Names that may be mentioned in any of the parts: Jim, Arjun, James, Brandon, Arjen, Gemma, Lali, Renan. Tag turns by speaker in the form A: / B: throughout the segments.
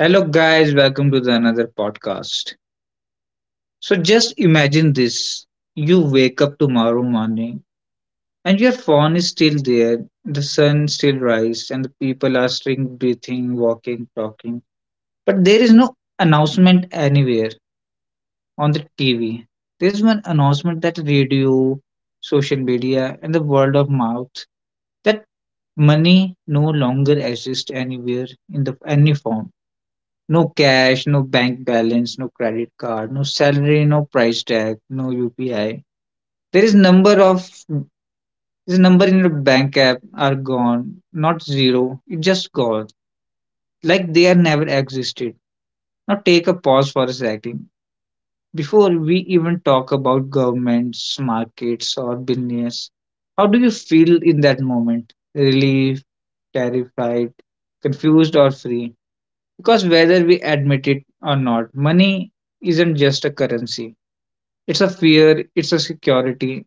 A: Hello, guys, welcome to the another podcast. So, just imagine this, you wake up tomorrow morning, and your phone is still there, the sun still rises, and the people are still breathing, walking, talking. But there is no announcement anywhere on the TV. There's one announcement that radio, social media, and the world of mouth, that money no longer exists anywhere in the any form. No cash, no bank balance, no credit card, no salary, no price tag, no UPI. There is number of this number in your bank app are gone, not zero. It just gone, like they are never existed. Now take a pause for a second before we even talk about governments, markets, or business. How do you feel in that moment? Relief, terrified, confused, or free? Because whether we admit it or not, money isn't just a currency. It's a fear, it's a security,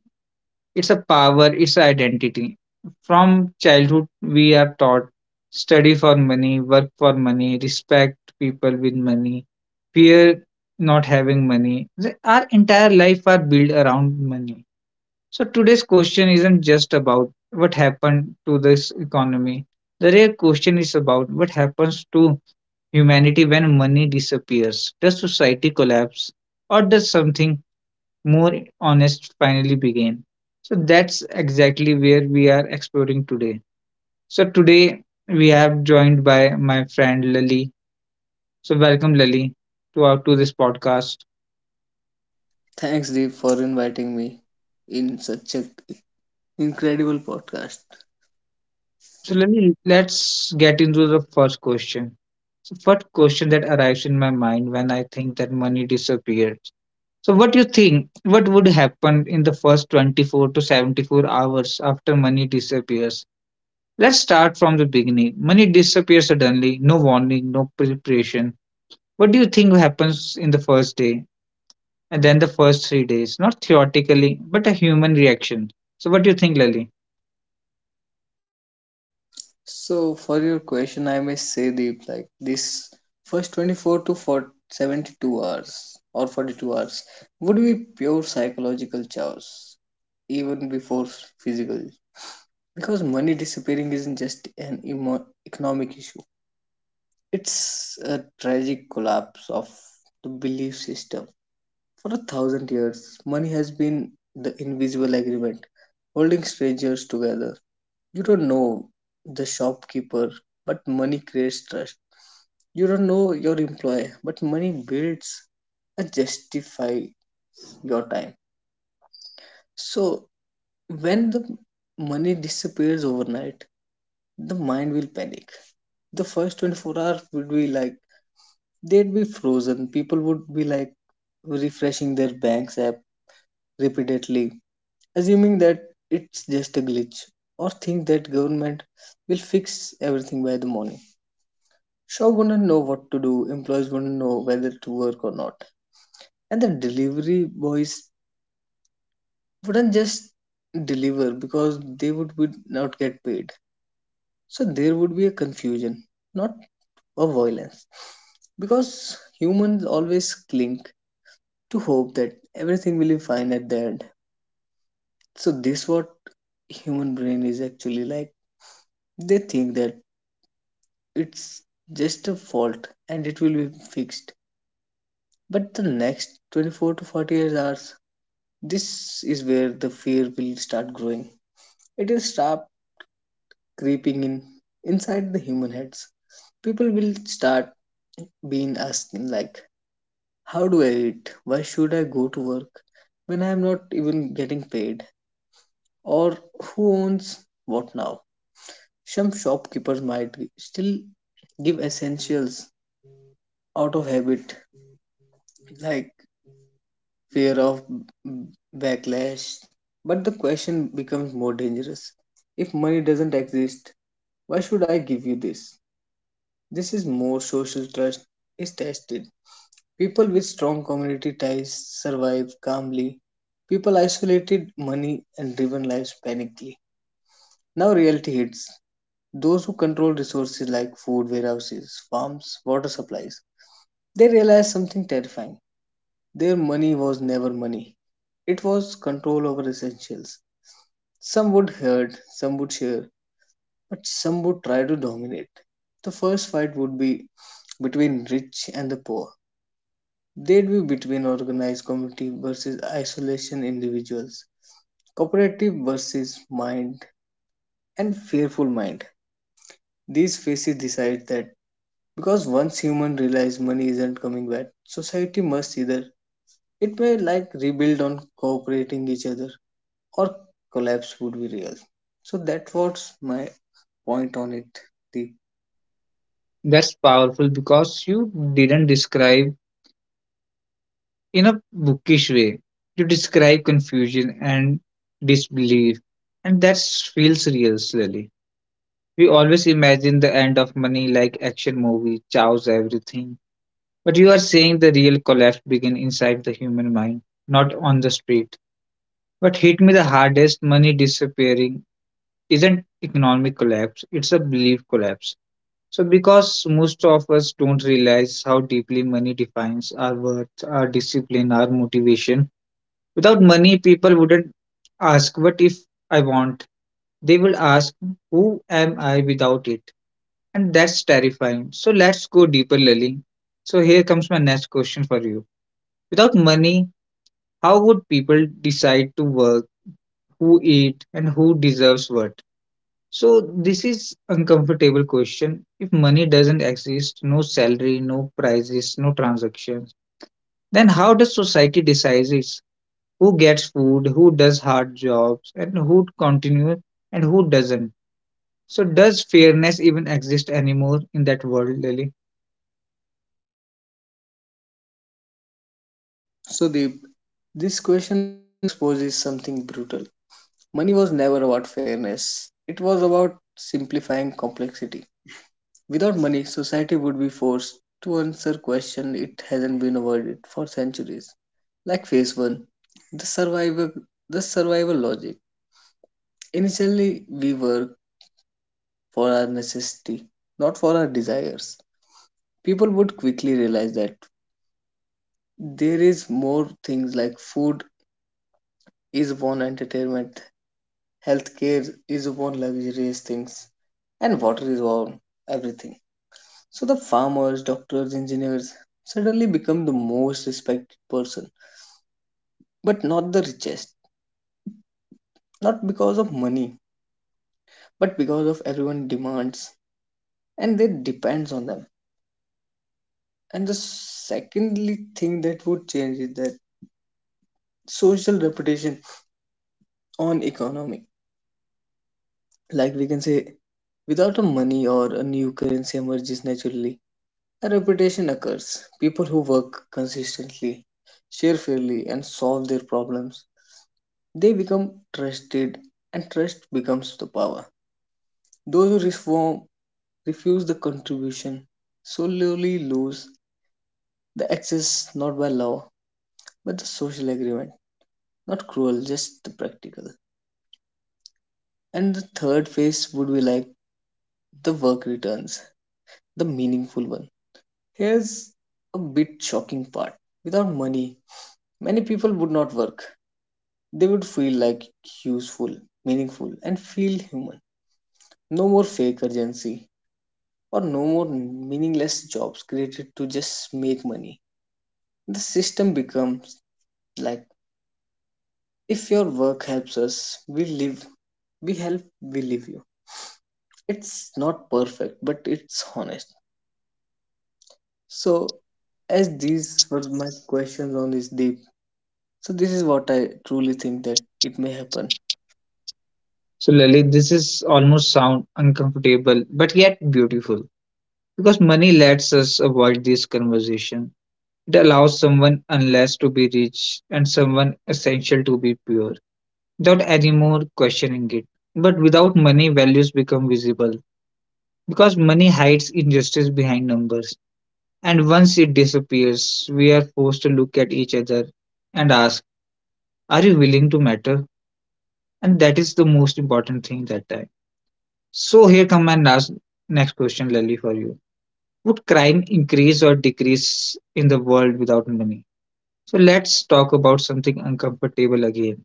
A: it's a power, it's an identity. From childhood, we are taught study for money, work for money, respect people with money, fear not having money. Our entire life are built around money. So today's question isn't just about what happened to this economy. The real question is about what happens to humanity when money disappears. Does society collapse or does something more honest finally begin? So that's exactly where we are exploring today. So today we have joined by my friend Lali. So welcome Lali to this podcast.
B: Thanks, Deep, for inviting me in such an incredible podcast.
A: So Lali, let's get into the first question. So what question that arrives in my mind when I think that money disappeared? So what you think? What would happen in the first 24 to 74 hours after money disappears? Let's start from the beginning. Money disappears suddenly, no warning, no preparation. What do you think happens in the first day and then the first 3 days? Not theoretically, but a human reaction. So what do you think, Lali?
B: So, for your question, I may say, Deep, like this first 24 to 40, hours or 42 hours would be pure psychological chaos, even before physical. Because money disappearing isn't just an economic issue, it's a tragic collapse of the belief system. For a thousand years, money has been the invisible agreement holding strangers together. You don't know the shopkeeper, but money creates trust. You don't know your employer, but money builds and justify your time. So when the money disappears overnight, the mind will panic. The first 24 hours would be like they'd be frozen. People would be like refreshing their bank's app repeatedly, assuming that it's just a glitch or think that government will fix everything by the morning. Shop wouldn't know what to do, employees wouldn't know whether to work or not, and the delivery boys wouldn't just deliver because they would not get paid. So there would be a confusion, not a violence, because humans always cling to hope that everything will be fine at the end. So this what human brain is actually like. They think that it's just a fault and it will be fixed. But the next 24 to 48 hours, this is where the fear will start growing. It will start creeping in inside the human heads. People will start being asking like, how do I eat? Why should I go to work when I am not even getting paid? Or who owns what now? Some shopkeepers might still give essentials out of habit like fear of backlash. But the question becomes more dangerous. If money doesn't exist, why should I give you this? This is more social trust is tested. People with strong community ties survive calmly. People isolated money and driven lives panically. Now reality hits. Those who control resources like food warehouses, farms, water supplies, they realize something terrifying. Their money was never money. It was control over essentials. Some would hurt, some would cheer, but some would try to dominate. The first fight would be between rich and the poor. They'd be between organized community versus isolation individuals, cooperative versus mind, and fearful mind. These faces decide that because once human realize money isn't coming back, society must either. It may like rebuild on cooperating each other, or collapse would be real. So that was my point on it, Deep.
A: That's powerful because you didn't describe in a bookish way to describe confusion and disbelief. And that feels real, slowly. We always imagine the end of money like action movie, chows everything. But you are saying the real collapse begin inside the human mind, not on the street. What hit me the hardest, money disappearing, isn't economic collapse, it's a belief collapse. So because most of us don't realize how deeply money defines our worth, our discipline, our motivation. Without money, people wouldn't ask, what if I want? They will ask, who am I without it? And that's terrifying. So let's go deeper, Lily. So here comes my next question for you. Without money, how would people decide to work, who eat, and who deserves what? So this is uncomfortable question. If money doesn't exist, no salary, no prices, no transactions, then how does society decide it? Who gets food, who does hard jobs, and who continues and who doesn't. So, does fairness even exist anymore in that world, Lily?
B: So Deep, this question exposes something brutal. Money was never about fairness. It was about simplifying complexity. Without money, society would be forced to answer questions it hasn't been avoided for centuries. Like phase one, the survival the survival logic. Initially we work for our necessity, not for our desires. People would quickly realize that there is more things like food is one entertainment, healthcare is one luxurious things, and water is one everything. So the farmers, doctors, engineers suddenly become the most respected person, but not the richest. Not because of money, but because of everyone demands and they depends on them. And the secondly thing that would change is that social reputation on economy. Like we can say, without a money or a new currency emerges naturally, a reputation occurs. People who work consistently, share fairly, and solve their problems, they become trusted, and trust becomes the power. Those who reform, refuse the contribution so slowly lose the access, not by law but the social agreement. Not cruel, just the practical. And the third phase would be like the work returns, the meaningful one. Here's a bit shocking part. Without money, many people would not work. They would feel like useful, meaningful, and feel human. No more fake urgency or no more meaningless jobs created to just make money. The system becomes like if your work helps us, we live, we help, we live you. It's not perfect, but it's honest. So, as these were my questions on this, Deep, so this is what I truly think that it may happen.
A: So, Lily, this is almost sound uncomfortable, but yet beautiful because money lets us avoid this conversation. It allows someone unless to be rich and someone essential to be pure without any more questioning it. But without money, values become visible, because money hides injustice behind numbers. And once it disappears, we are forced to look at each other and ask, are you willing to matter? And that is the most important thing that time. So, here come my next question, Lally, for you. Would crime increase or decrease in the world without money? So, let's talk about something uncomfortable again.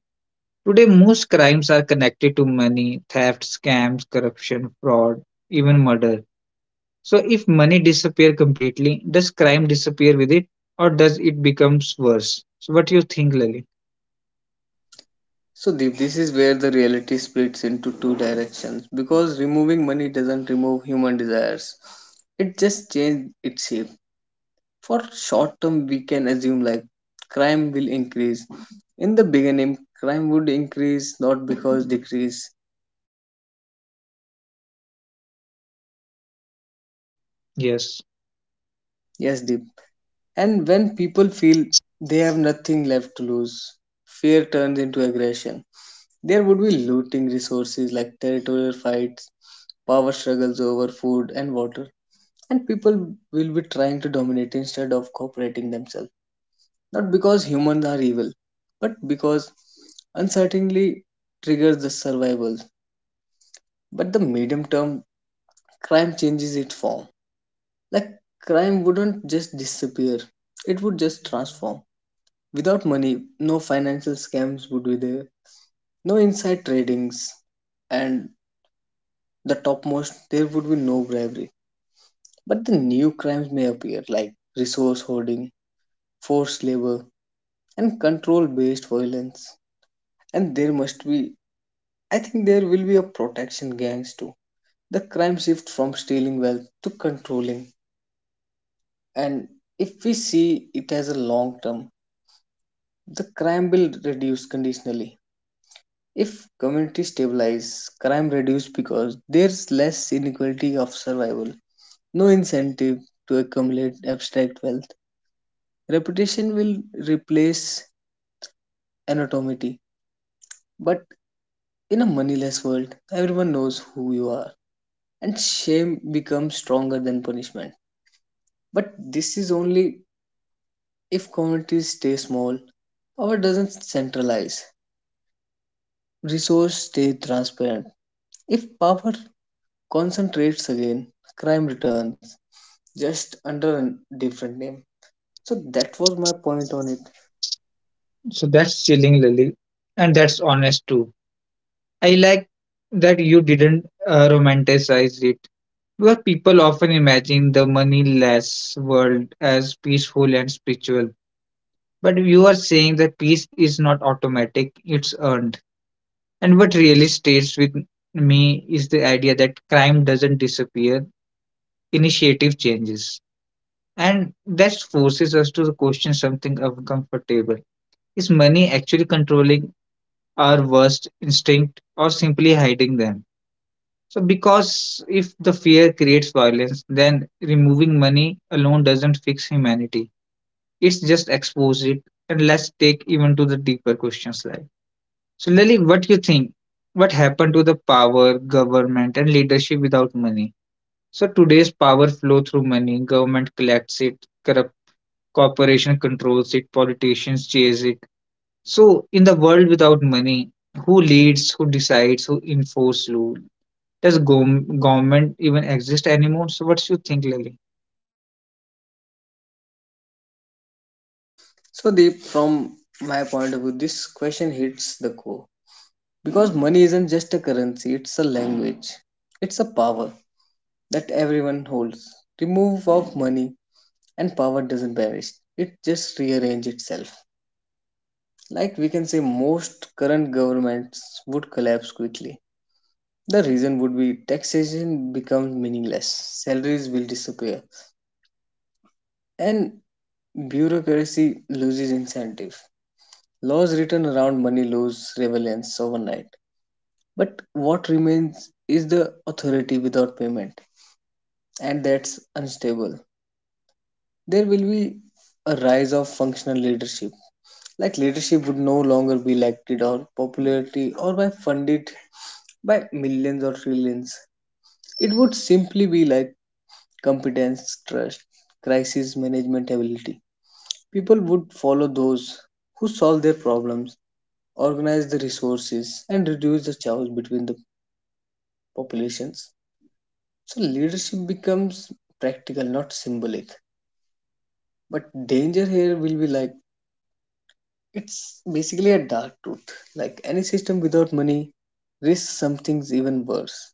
A: Today, most crimes are connected to money, theft, scams, corruption, fraud, even murder. So if money disappear completely, does crime disappear with it or does it becomes worse? So what do you think, Lily?
B: So Deep, this is where the reality splits into two directions because removing money doesn't remove human desires. It just changes its shape. For short term, we can assume like crime will increase. In the beginning, crime would increase not because decrease.
A: Yes.
B: Yes, Deep. And when people feel they have nothing left to lose, fear turns into aggression. There would be looting resources like territorial fights, power struggles over food and water, and people will be trying to dominate instead of cooperating themselves. Not because humans are evil, but because uncertainty triggers the survival. But the medium term, crime changes its form. Like, crime wouldn't just disappear, it would just transform. Without money, no financial scams would be there, no inside tradings, and the topmost, there would be no bribery. But the new crimes may appear like resource hoarding, forced labor, and control based violence. And there must be, I think, there will be a protection gangs too. The crime shift from stealing wealth to controlling. And if we see it as a long term, the crime will reduce conditionally. If community stabilize, crime reduce because there's less inequality of survival, no incentive to accumulate abstract wealth. Reputation will replace anonymity. But in a moneyless world, everyone knows who you are, and shame becomes stronger than punishment. But this is only if communities stay small, power doesn't centralize, resources stay transparent. If power concentrates again, crime returns, just under a different name. So that was my point on it.
A: So that's chilling, Lily. And that's honest too. I like that you didn't romanticize it. Because people often imagine the moneyless world as peaceful and spiritual. But you are saying that peace is not automatic, it's earned. And what really stays with me is the idea that crime doesn't disappear, initiative changes. And that forces us to question something uncomfortable. Is money actually controlling our worst instinct or simply hiding them? So, because if the fear creates violence, then removing money alone doesn't fix humanity. It's just expose it, and let's take even to the deeper questions like. So, Lily, what do you think? What happened to the power, government, and leadership without money? So, today's power flow through money. Government collects it, corrupts corporation controls it, politicians chase it. So in the world without money, who leads, who decides, who enforces rule? Does government even exist anymore? So what do you think, Lily?
B: So Deep, from my point of view, this question hits the core. Because money isn't just a currency, it's a language. It's a power that everyone holds. Remove of money and power doesn't vanish. It just rearrange itself. Like we can say most current governments would collapse quickly. The reason would be taxation becomes meaningless, salaries will disappear, and bureaucracy loses incentive. Laws written around money lose relevance overnight. But what remains is the authority without payment, and that's unstable. There will be a rise of functional leadership. Like leadership would no longer be elected or popularity or by funded by millions or trillions. It would simply be like competence, trust, crisis management ability. People would follow those who solve their problems, organize the resources, and reduce the chaos between the populations. So leadership becomes practical, not symbolic. But danger here will be like, it's basically a dark truth. Like any system without money risks something's even worse.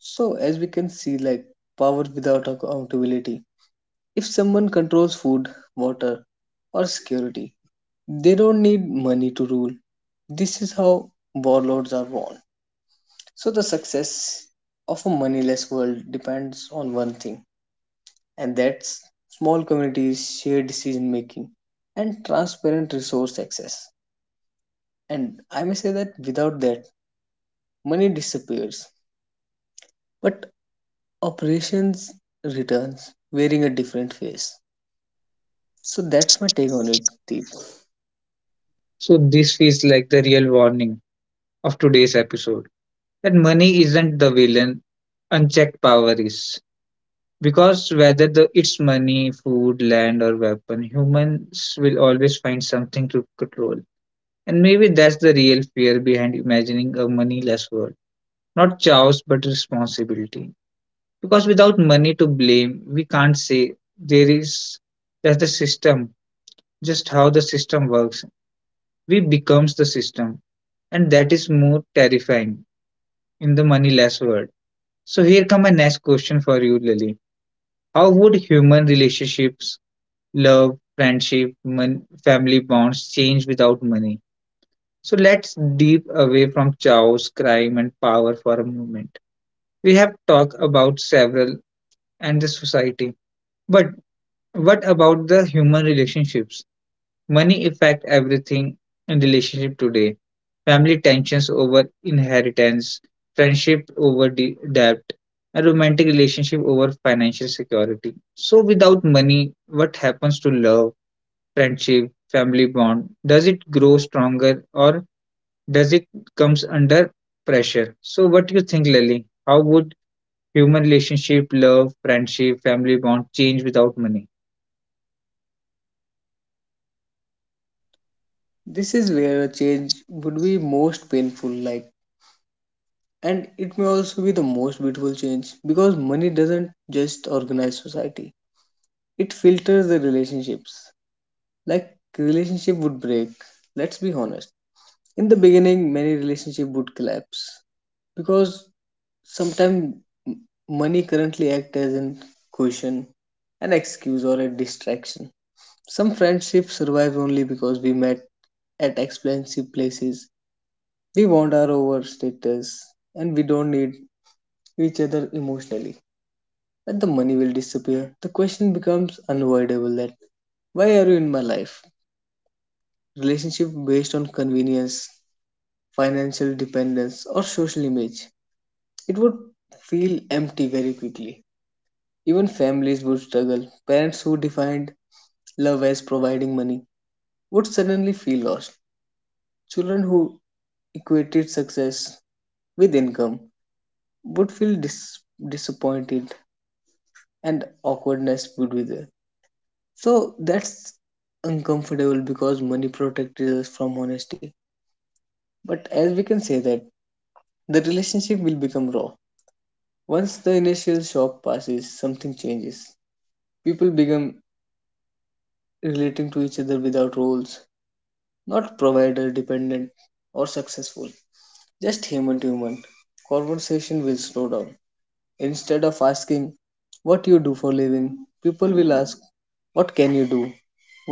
B: So as we can see, like power without accountability. If someone controls food, water, or security, they don't need money to rule. This is how warlords are born. So the success of a moneyless world depends on one thing, and that's small communities, shared decision making, and transparent resource access. And I may say that without that, money disappears, but operations returns wearing a different face. So that's my take on it, Deep.
A: So this feels like the real warning of today's episode, that money isn't the villain, unchecked power is. Because whether it's money, food, land, or weapon, humans will always find something to control. And maybe that's the real fear behind imagining a moneyless world. Not chaos, but responsibility. Because without money to blame, we can't say there is that's the system, just how the system works. We becomes the system, and that is more terrifying in the moneyless world. So here come my next question for you, Lily. How would human relationships, love, friendship, family bonds change without money? So let's deep away from chaos, crime, and power for a moment. We have talked about several and the society. But what about the human relationships? Money affect everything in relationship today. Family tensions over inheritance, friendship over debt, and romantic relationship over financial security. So without money, what happens to love, friendship, family bond? Does it grow stronger or does it comes under pressure? So what do you think, Lily? How would human relationship, love, friendship, family bond change without money?
B: This is where a change would be most painful, like, and it may also be the most beautiful change because money doesn't just organize society, it filters the relationships. Like, relationship would break, let's be honest. In the beginning, many relationship would collapse because sometimes money currently act as an cushion, an excuse or a distraction. Some friendships survive only because we met at expensive places. We want our over status and we don't need each other emotionally. But the money will disappear. The question becomes unavoidable that why are you in my life? Relationship based on convenience, financial dependence, or social image, it would feel empty very quickly. Even families would struggle. Parents who defined love as providing money would suddenly feel lost. Children who equated success with income would feel disappointed and awkwardness would be there. So that's uncomfortable because money protected us from honesty. But as we can say that the relationship will become raw. Once the initial shock passes, something changes. People become relating to each other without roles, not provider dependent or successful, just human to human. Conversation will slow down. Instead of asking what you do for living, people will ask what can you do,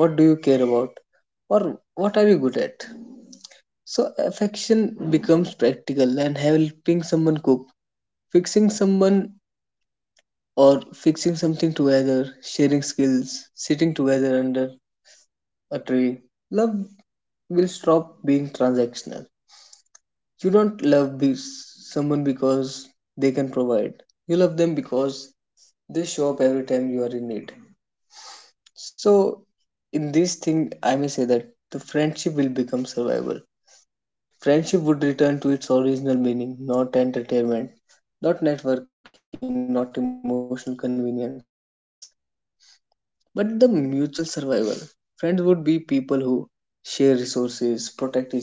B: what do you care about, or what are you good at. So affection becomes practical and helping someone cook, fixing someone or fixing something together, sharing skills, sitting together under a tree. Love will stop being transactional. You don't love someone because they can provide. You love them because they show up every time you are in need. So, in this thing, I may say that the friendship will become survival. Friendship would return to its original meaning, not entertainment, not networking, not emotional convenience, but the mutual survival. Friends would be people who share resources, protect each other,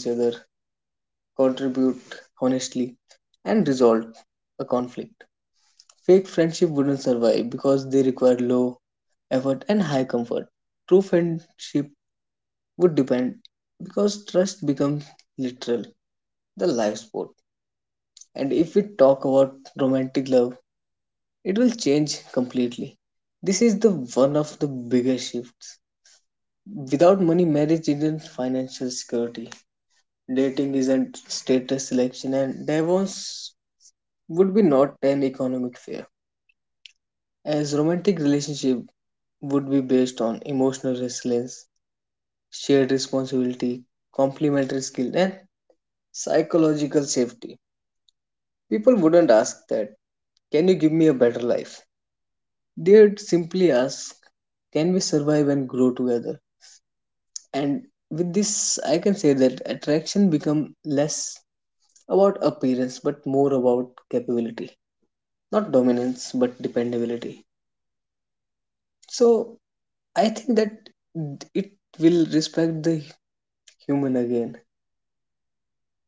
B: contribute honestly, and resolve a conflict. Fake friendship wouldn't survive because they require low effort and high comfort. True friendship would depend because trust becomes literal, the life sport. And if we talk about romantic love, it will change completely. This is the one of the biggest shifts. Without money, marriage isn't financial security. Dating isn't status selection, and divorce would be not an economic fear. As romantic relationship would be based on emotional resilience, shared responsibility, complementary skill, and psychological safety. People wouldn't ask that, can you give me a better life? They'd simply ask, can we survive and grow together? And with this, I can say that attraction become less about appearance but more about capability, not dominance but dependability. So I think that it will respect the human again.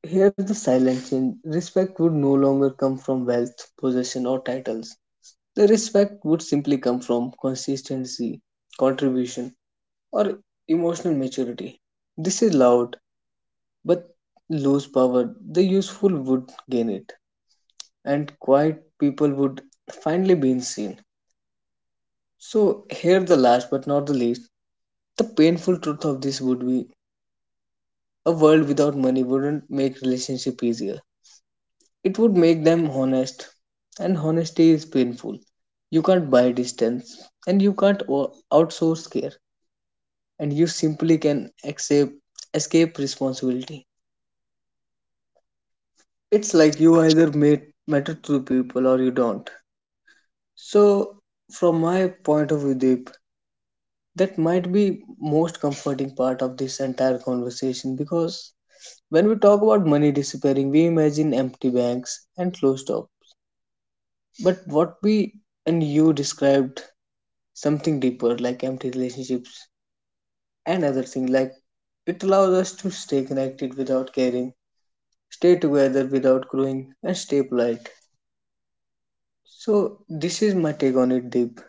B: Here, the silent change respect would no longer come from wealth, possession, or titles. The respect would simply come from consistency, contribution, or emotional maturity. This is loud, but lose power, the useful would gain it, and quiet people would finally be seen. So, here, the last but not the least, the painful truth of this would be a world without money wouldn't make relationship easier. It would make them honest, and honesty is painful. You can't buy distance, and you can't outsource care, and you simply can accept, escape responsibility. It's like you either matter to people or you don't. So, from my point of view, Deep, that might be most comforting part of this entire conversation because when we talk about money disappearing, we imagine empty banks and closed shops. But what we and you described something deeper like empty relationships and other things like it allows us to stay connected without caring, stay together without growing, and stay polite. So this is my take on it, Deep.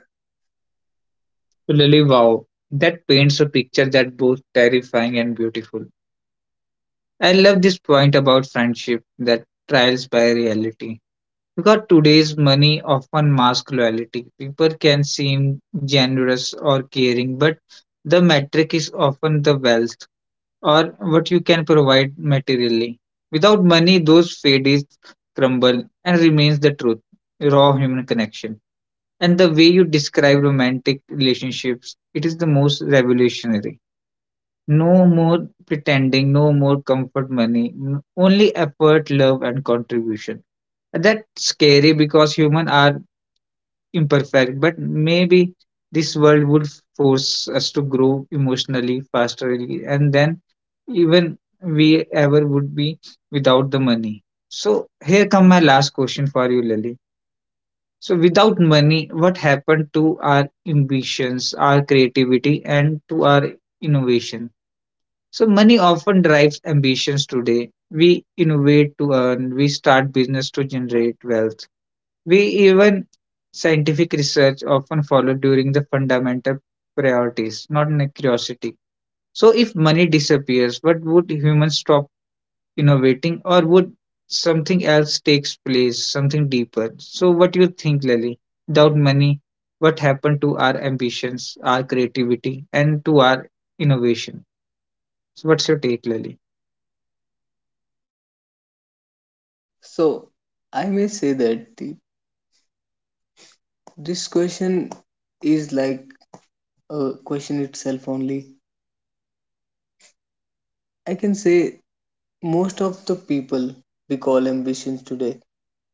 A: Really, wow. That paints a picture that both terrifying and beautiful. I love this point about friendship that trials by reality. Because today's money often masks loyalty. People can seem generous or caring, but the metric is often the wealth or what you can provide materially. Without money, those fades crumble and remains the truth, raw human connection. And the way you describe romantic relationships, it is the most revolutionary. No more pretending, no more comfort money, only effort, love, and contribution. That's scary because humans are imperfect, but maybe this world would force us to grow emotionally faster and then even we ever would be without the money. So here come my last question for you, Lily. So, without money, what happened to our ambitions, our creativity, and to our innovation? So, money often drives ambitions today. We innovate to earn, we start business to generate wealth. We even scientific research often followed during the fundamental priorities, not in a curiosity. So, if money disappears, what would humans stop innovating, or would something else takes place, something deeper? So, what do you think, Lily? Without money, what happened to our ambitions, our creativity, and to our innovation? So, what's your take, Lily?
B: So I may say that Deep, this question is like a question itself only. I can say most of the people we call ambitions today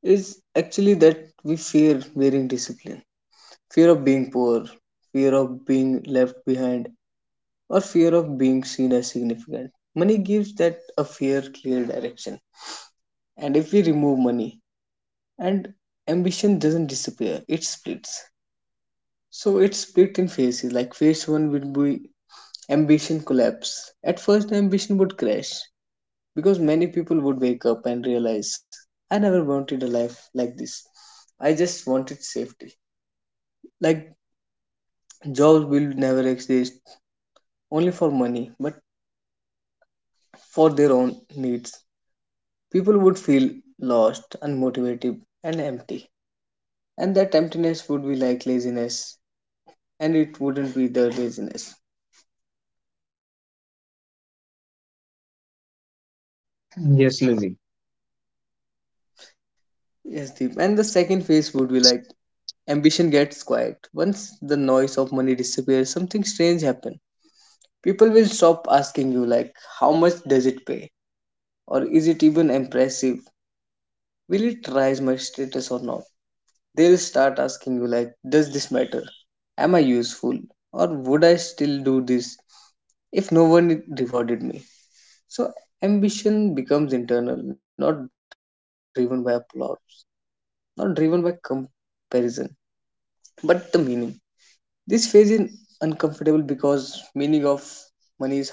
B: is actually that we fear wearing discipline, fear of being poor, fear of being left behind, or fear of being seen as significant. Money gives that a fair, clear direction. And if we remove money, and ambition doesn't disappear, it splits. So it's split in phases. Like phase one would be ambition collapse. At first, ambition would crash because many people would wake up and realize, I never wanted a life like this. I just wanted safety. Like jobs will never exist only for money, but for their own needs. People would feel lost, unmotivated, and empty. And that emptiness would be like laziness, and it wouldn't be the laziness.
A: Yes, Lily.
B: Yes, Deep. And the second phase would be like ambition gets quiet. Once the noise of money disappears, something strange happens. People will stop asking you, like, how much does it pay? Or is it even impressive? Will it rise my status or not? They'll start asking you, like, does this matter? Am I useful? Or would I still do this if no one rewarded me. So ambition becomes internal, not driven by applause, not driven by comparison, but the meaning. This phase is uncomfortable because meaning of money is harder.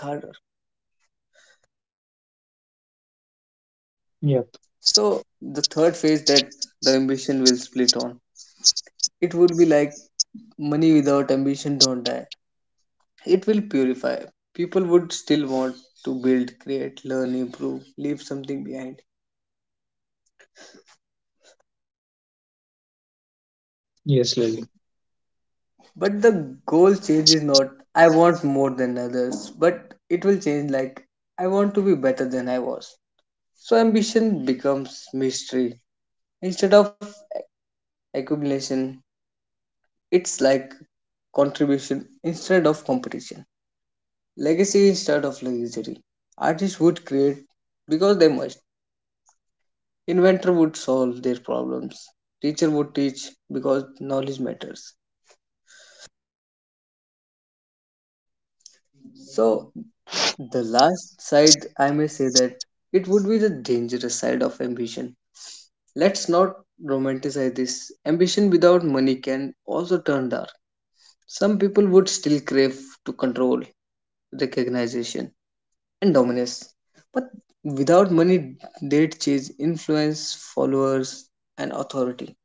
A: Yep.
B: So the third phase that the ambition will split on. It would be like money without ambition don't die. It will purify. People would still want to build, create, learn, improve, leave something behind.
A: Yes, Lily.
B: But the goal change is not I want more than others, but it will change like I want to be better than I was. So ambition becomes mystery instead of accumulation. It's like contribution instead of competition, legacy instead of luxury. Artists would create because they must. Inventor would solve their problems. Teacher would teach because knowledge matters. So the last side, I may say that it would be the dangerous side of ambition. Let's not romanticize this. Ambition without money can also turn dark. Some people would still crave to control, recognition, and dominance. But without money, they'd chase influence, followers, and authority.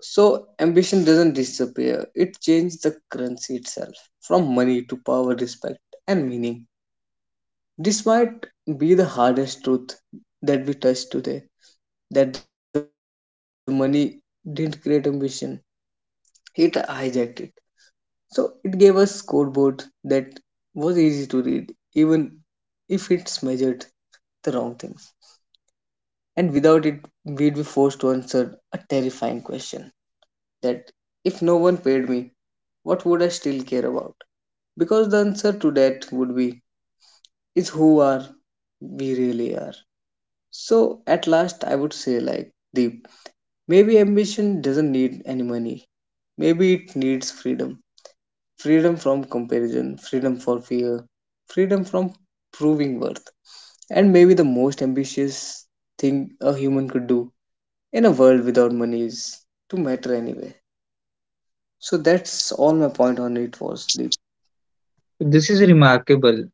B: So, ambition doesn't disappear, it changes the currency itself from money to power, respect, and meaning. This might be the hardest truth that we touched today that the money didn't create ambition, it hijacked it. So it gave us scoreboard that was easy to read, even if it's measured the wrong things. And without it, we'd be forced to answer a terrifying question that if no one paid me, what would I still care about? Because the answer to that would be is who are we really are. So at last, I would say, like, Deep, maybe ambition doesn't need any money. Maybe it needs freedom. Freedom from comparison, freedom for fear, freedom from proving worth. And maybe the most ambitious thing a human could do in a world without money is to matter anyway. So that's all my point on it was, Deep.
A: This is remarkable.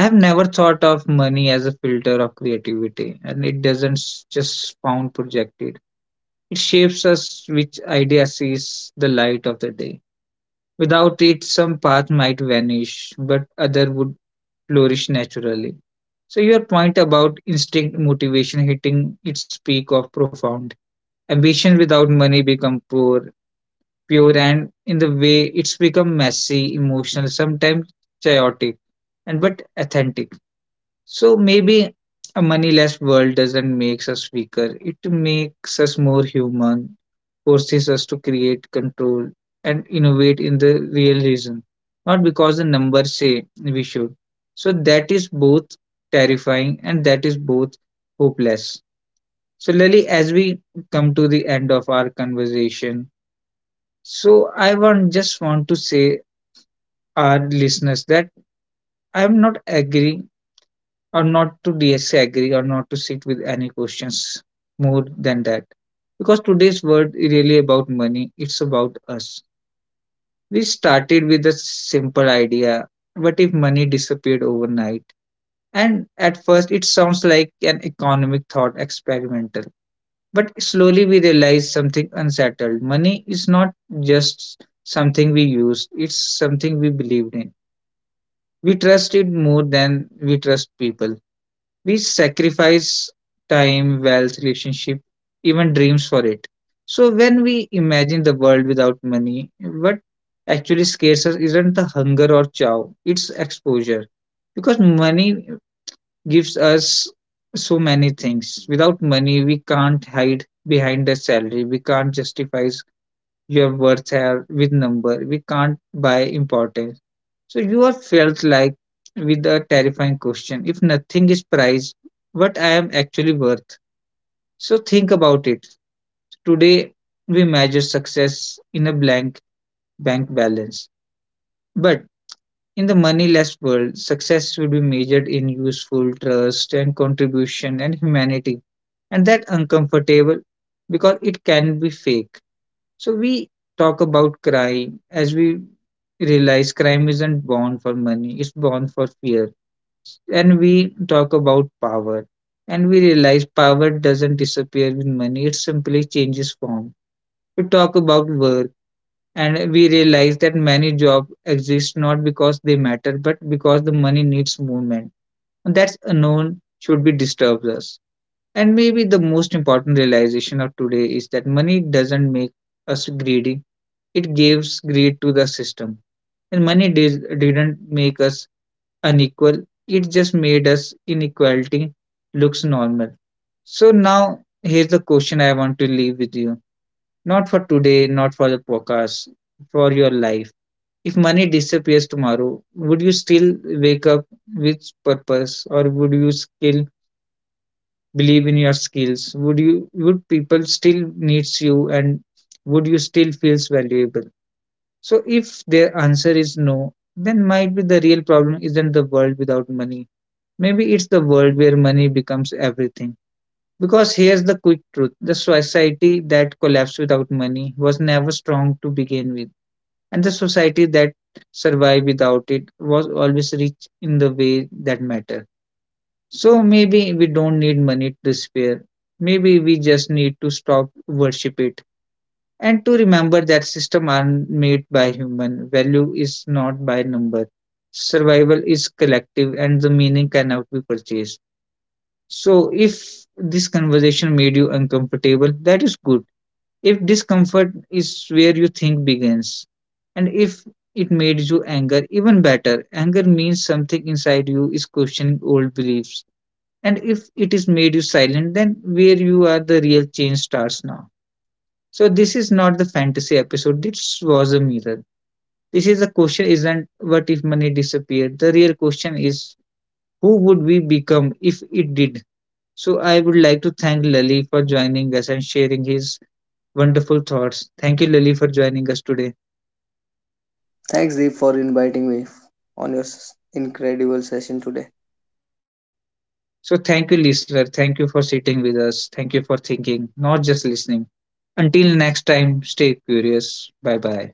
A: I have never thought of money as a filter of creativity, and it doesn't just sound projected. It shapes us which idea sees the light of the day. Without it, some path might vanish, but other would flourish naturally. So your point about instinct motivation hitting its peak of profound. Ambition without money become poor, pure and in the way it's become messy, emotional, sometimes chaotic, and but authentic. So maybe a moneyless world doesn't make us weaker. It makes us more human, forces us to create, control, and innovate in the real reason, not because the numbers say we should. So that is both terrifying and that is both hopeless. So Lily, as we come to the end of our conversation, so I want just want to say our listeners that I am not agreeing or not to disagree or not to sit with any questions more than that, because today's world is really about money, it's about us. We started with a simple idea, what if money disappeared overnight, and at first it sounds like an economic thought experimental, but slowly we realize something unsettled. Money is not just something we use, it's something we believed in. We trust it more than we trust people. We sacrifice time, wealth, relationship, even dreams for it. So when we imagine the world without money, what actually scares us isn't the hunger or chow, it's exposure. Because money gives us so many things. Without money, we can't hide behind the salary. We can't justify your worth here with number. We can't buy importance, so you are felt like with a terrifying question. If nothing is price, what I am actually worth. So think about it. Today we measure success in a blank bank balance. But in the moneyless world, success will be measured in useful trust and contribution and humanity. And that uncomfortable because it can be fake. So we talk about crime as we realize crime isn't born for money, it's born for fear. And we talk about power, and we realize power doesn't disappear with money, it simply changes form. We talk about work, and we realize that many jobs exist not because they matter, but because the money needs movement, and that's unknown should be disturbs us. And maybe the most important realization of today is that money doesn't make us greedy, it gives greed to the system. And money didn't make us unequal. It just made us inequality looks normal. So now here's the question I want to leave with you. Not for today, not for the podcast, for your life. If money disappears tomorrow, would you still wake up with purpose, or would you still believe in your skills? Would people still needs you, and would you still feels valuable? So if their answer is no, then might be the real problem isn't the world without money. Maybe it's the world where money becomes everything. Because here's the quick truth, the society that collapsed without money was never strong to begin with, and the society that survived without it was always rich in the way that matter. So maybe we don't need money to despair. Maybe we just need to stop worship it, and to remember that system are made by human, value is not by number, survival is collective, and the meaning cannot be purchased. So, if this conversation made you uncomfortable, that is good. If discomfort is where you think begins, and if it made you anger, even better. Anger means something inside you is questioning old beliefs. And if it is made you silent, then where you are, the real change starts now. So, this is not the fantasy episode, this was a mirror. This is the question isn't what if money disappeared? The real question is who would we become if it did? So I would like to thank Lali for joining us and sharing his wonderful thoughts. Thank you, Lali, for joining us today.
B: Thanks, Deep, for inviting me on your incredible session today.
A: So, thank you, listener. Thank you for sitting with us. Thank you for thinking, not just listening. Until next time, stay curious. Bye bye.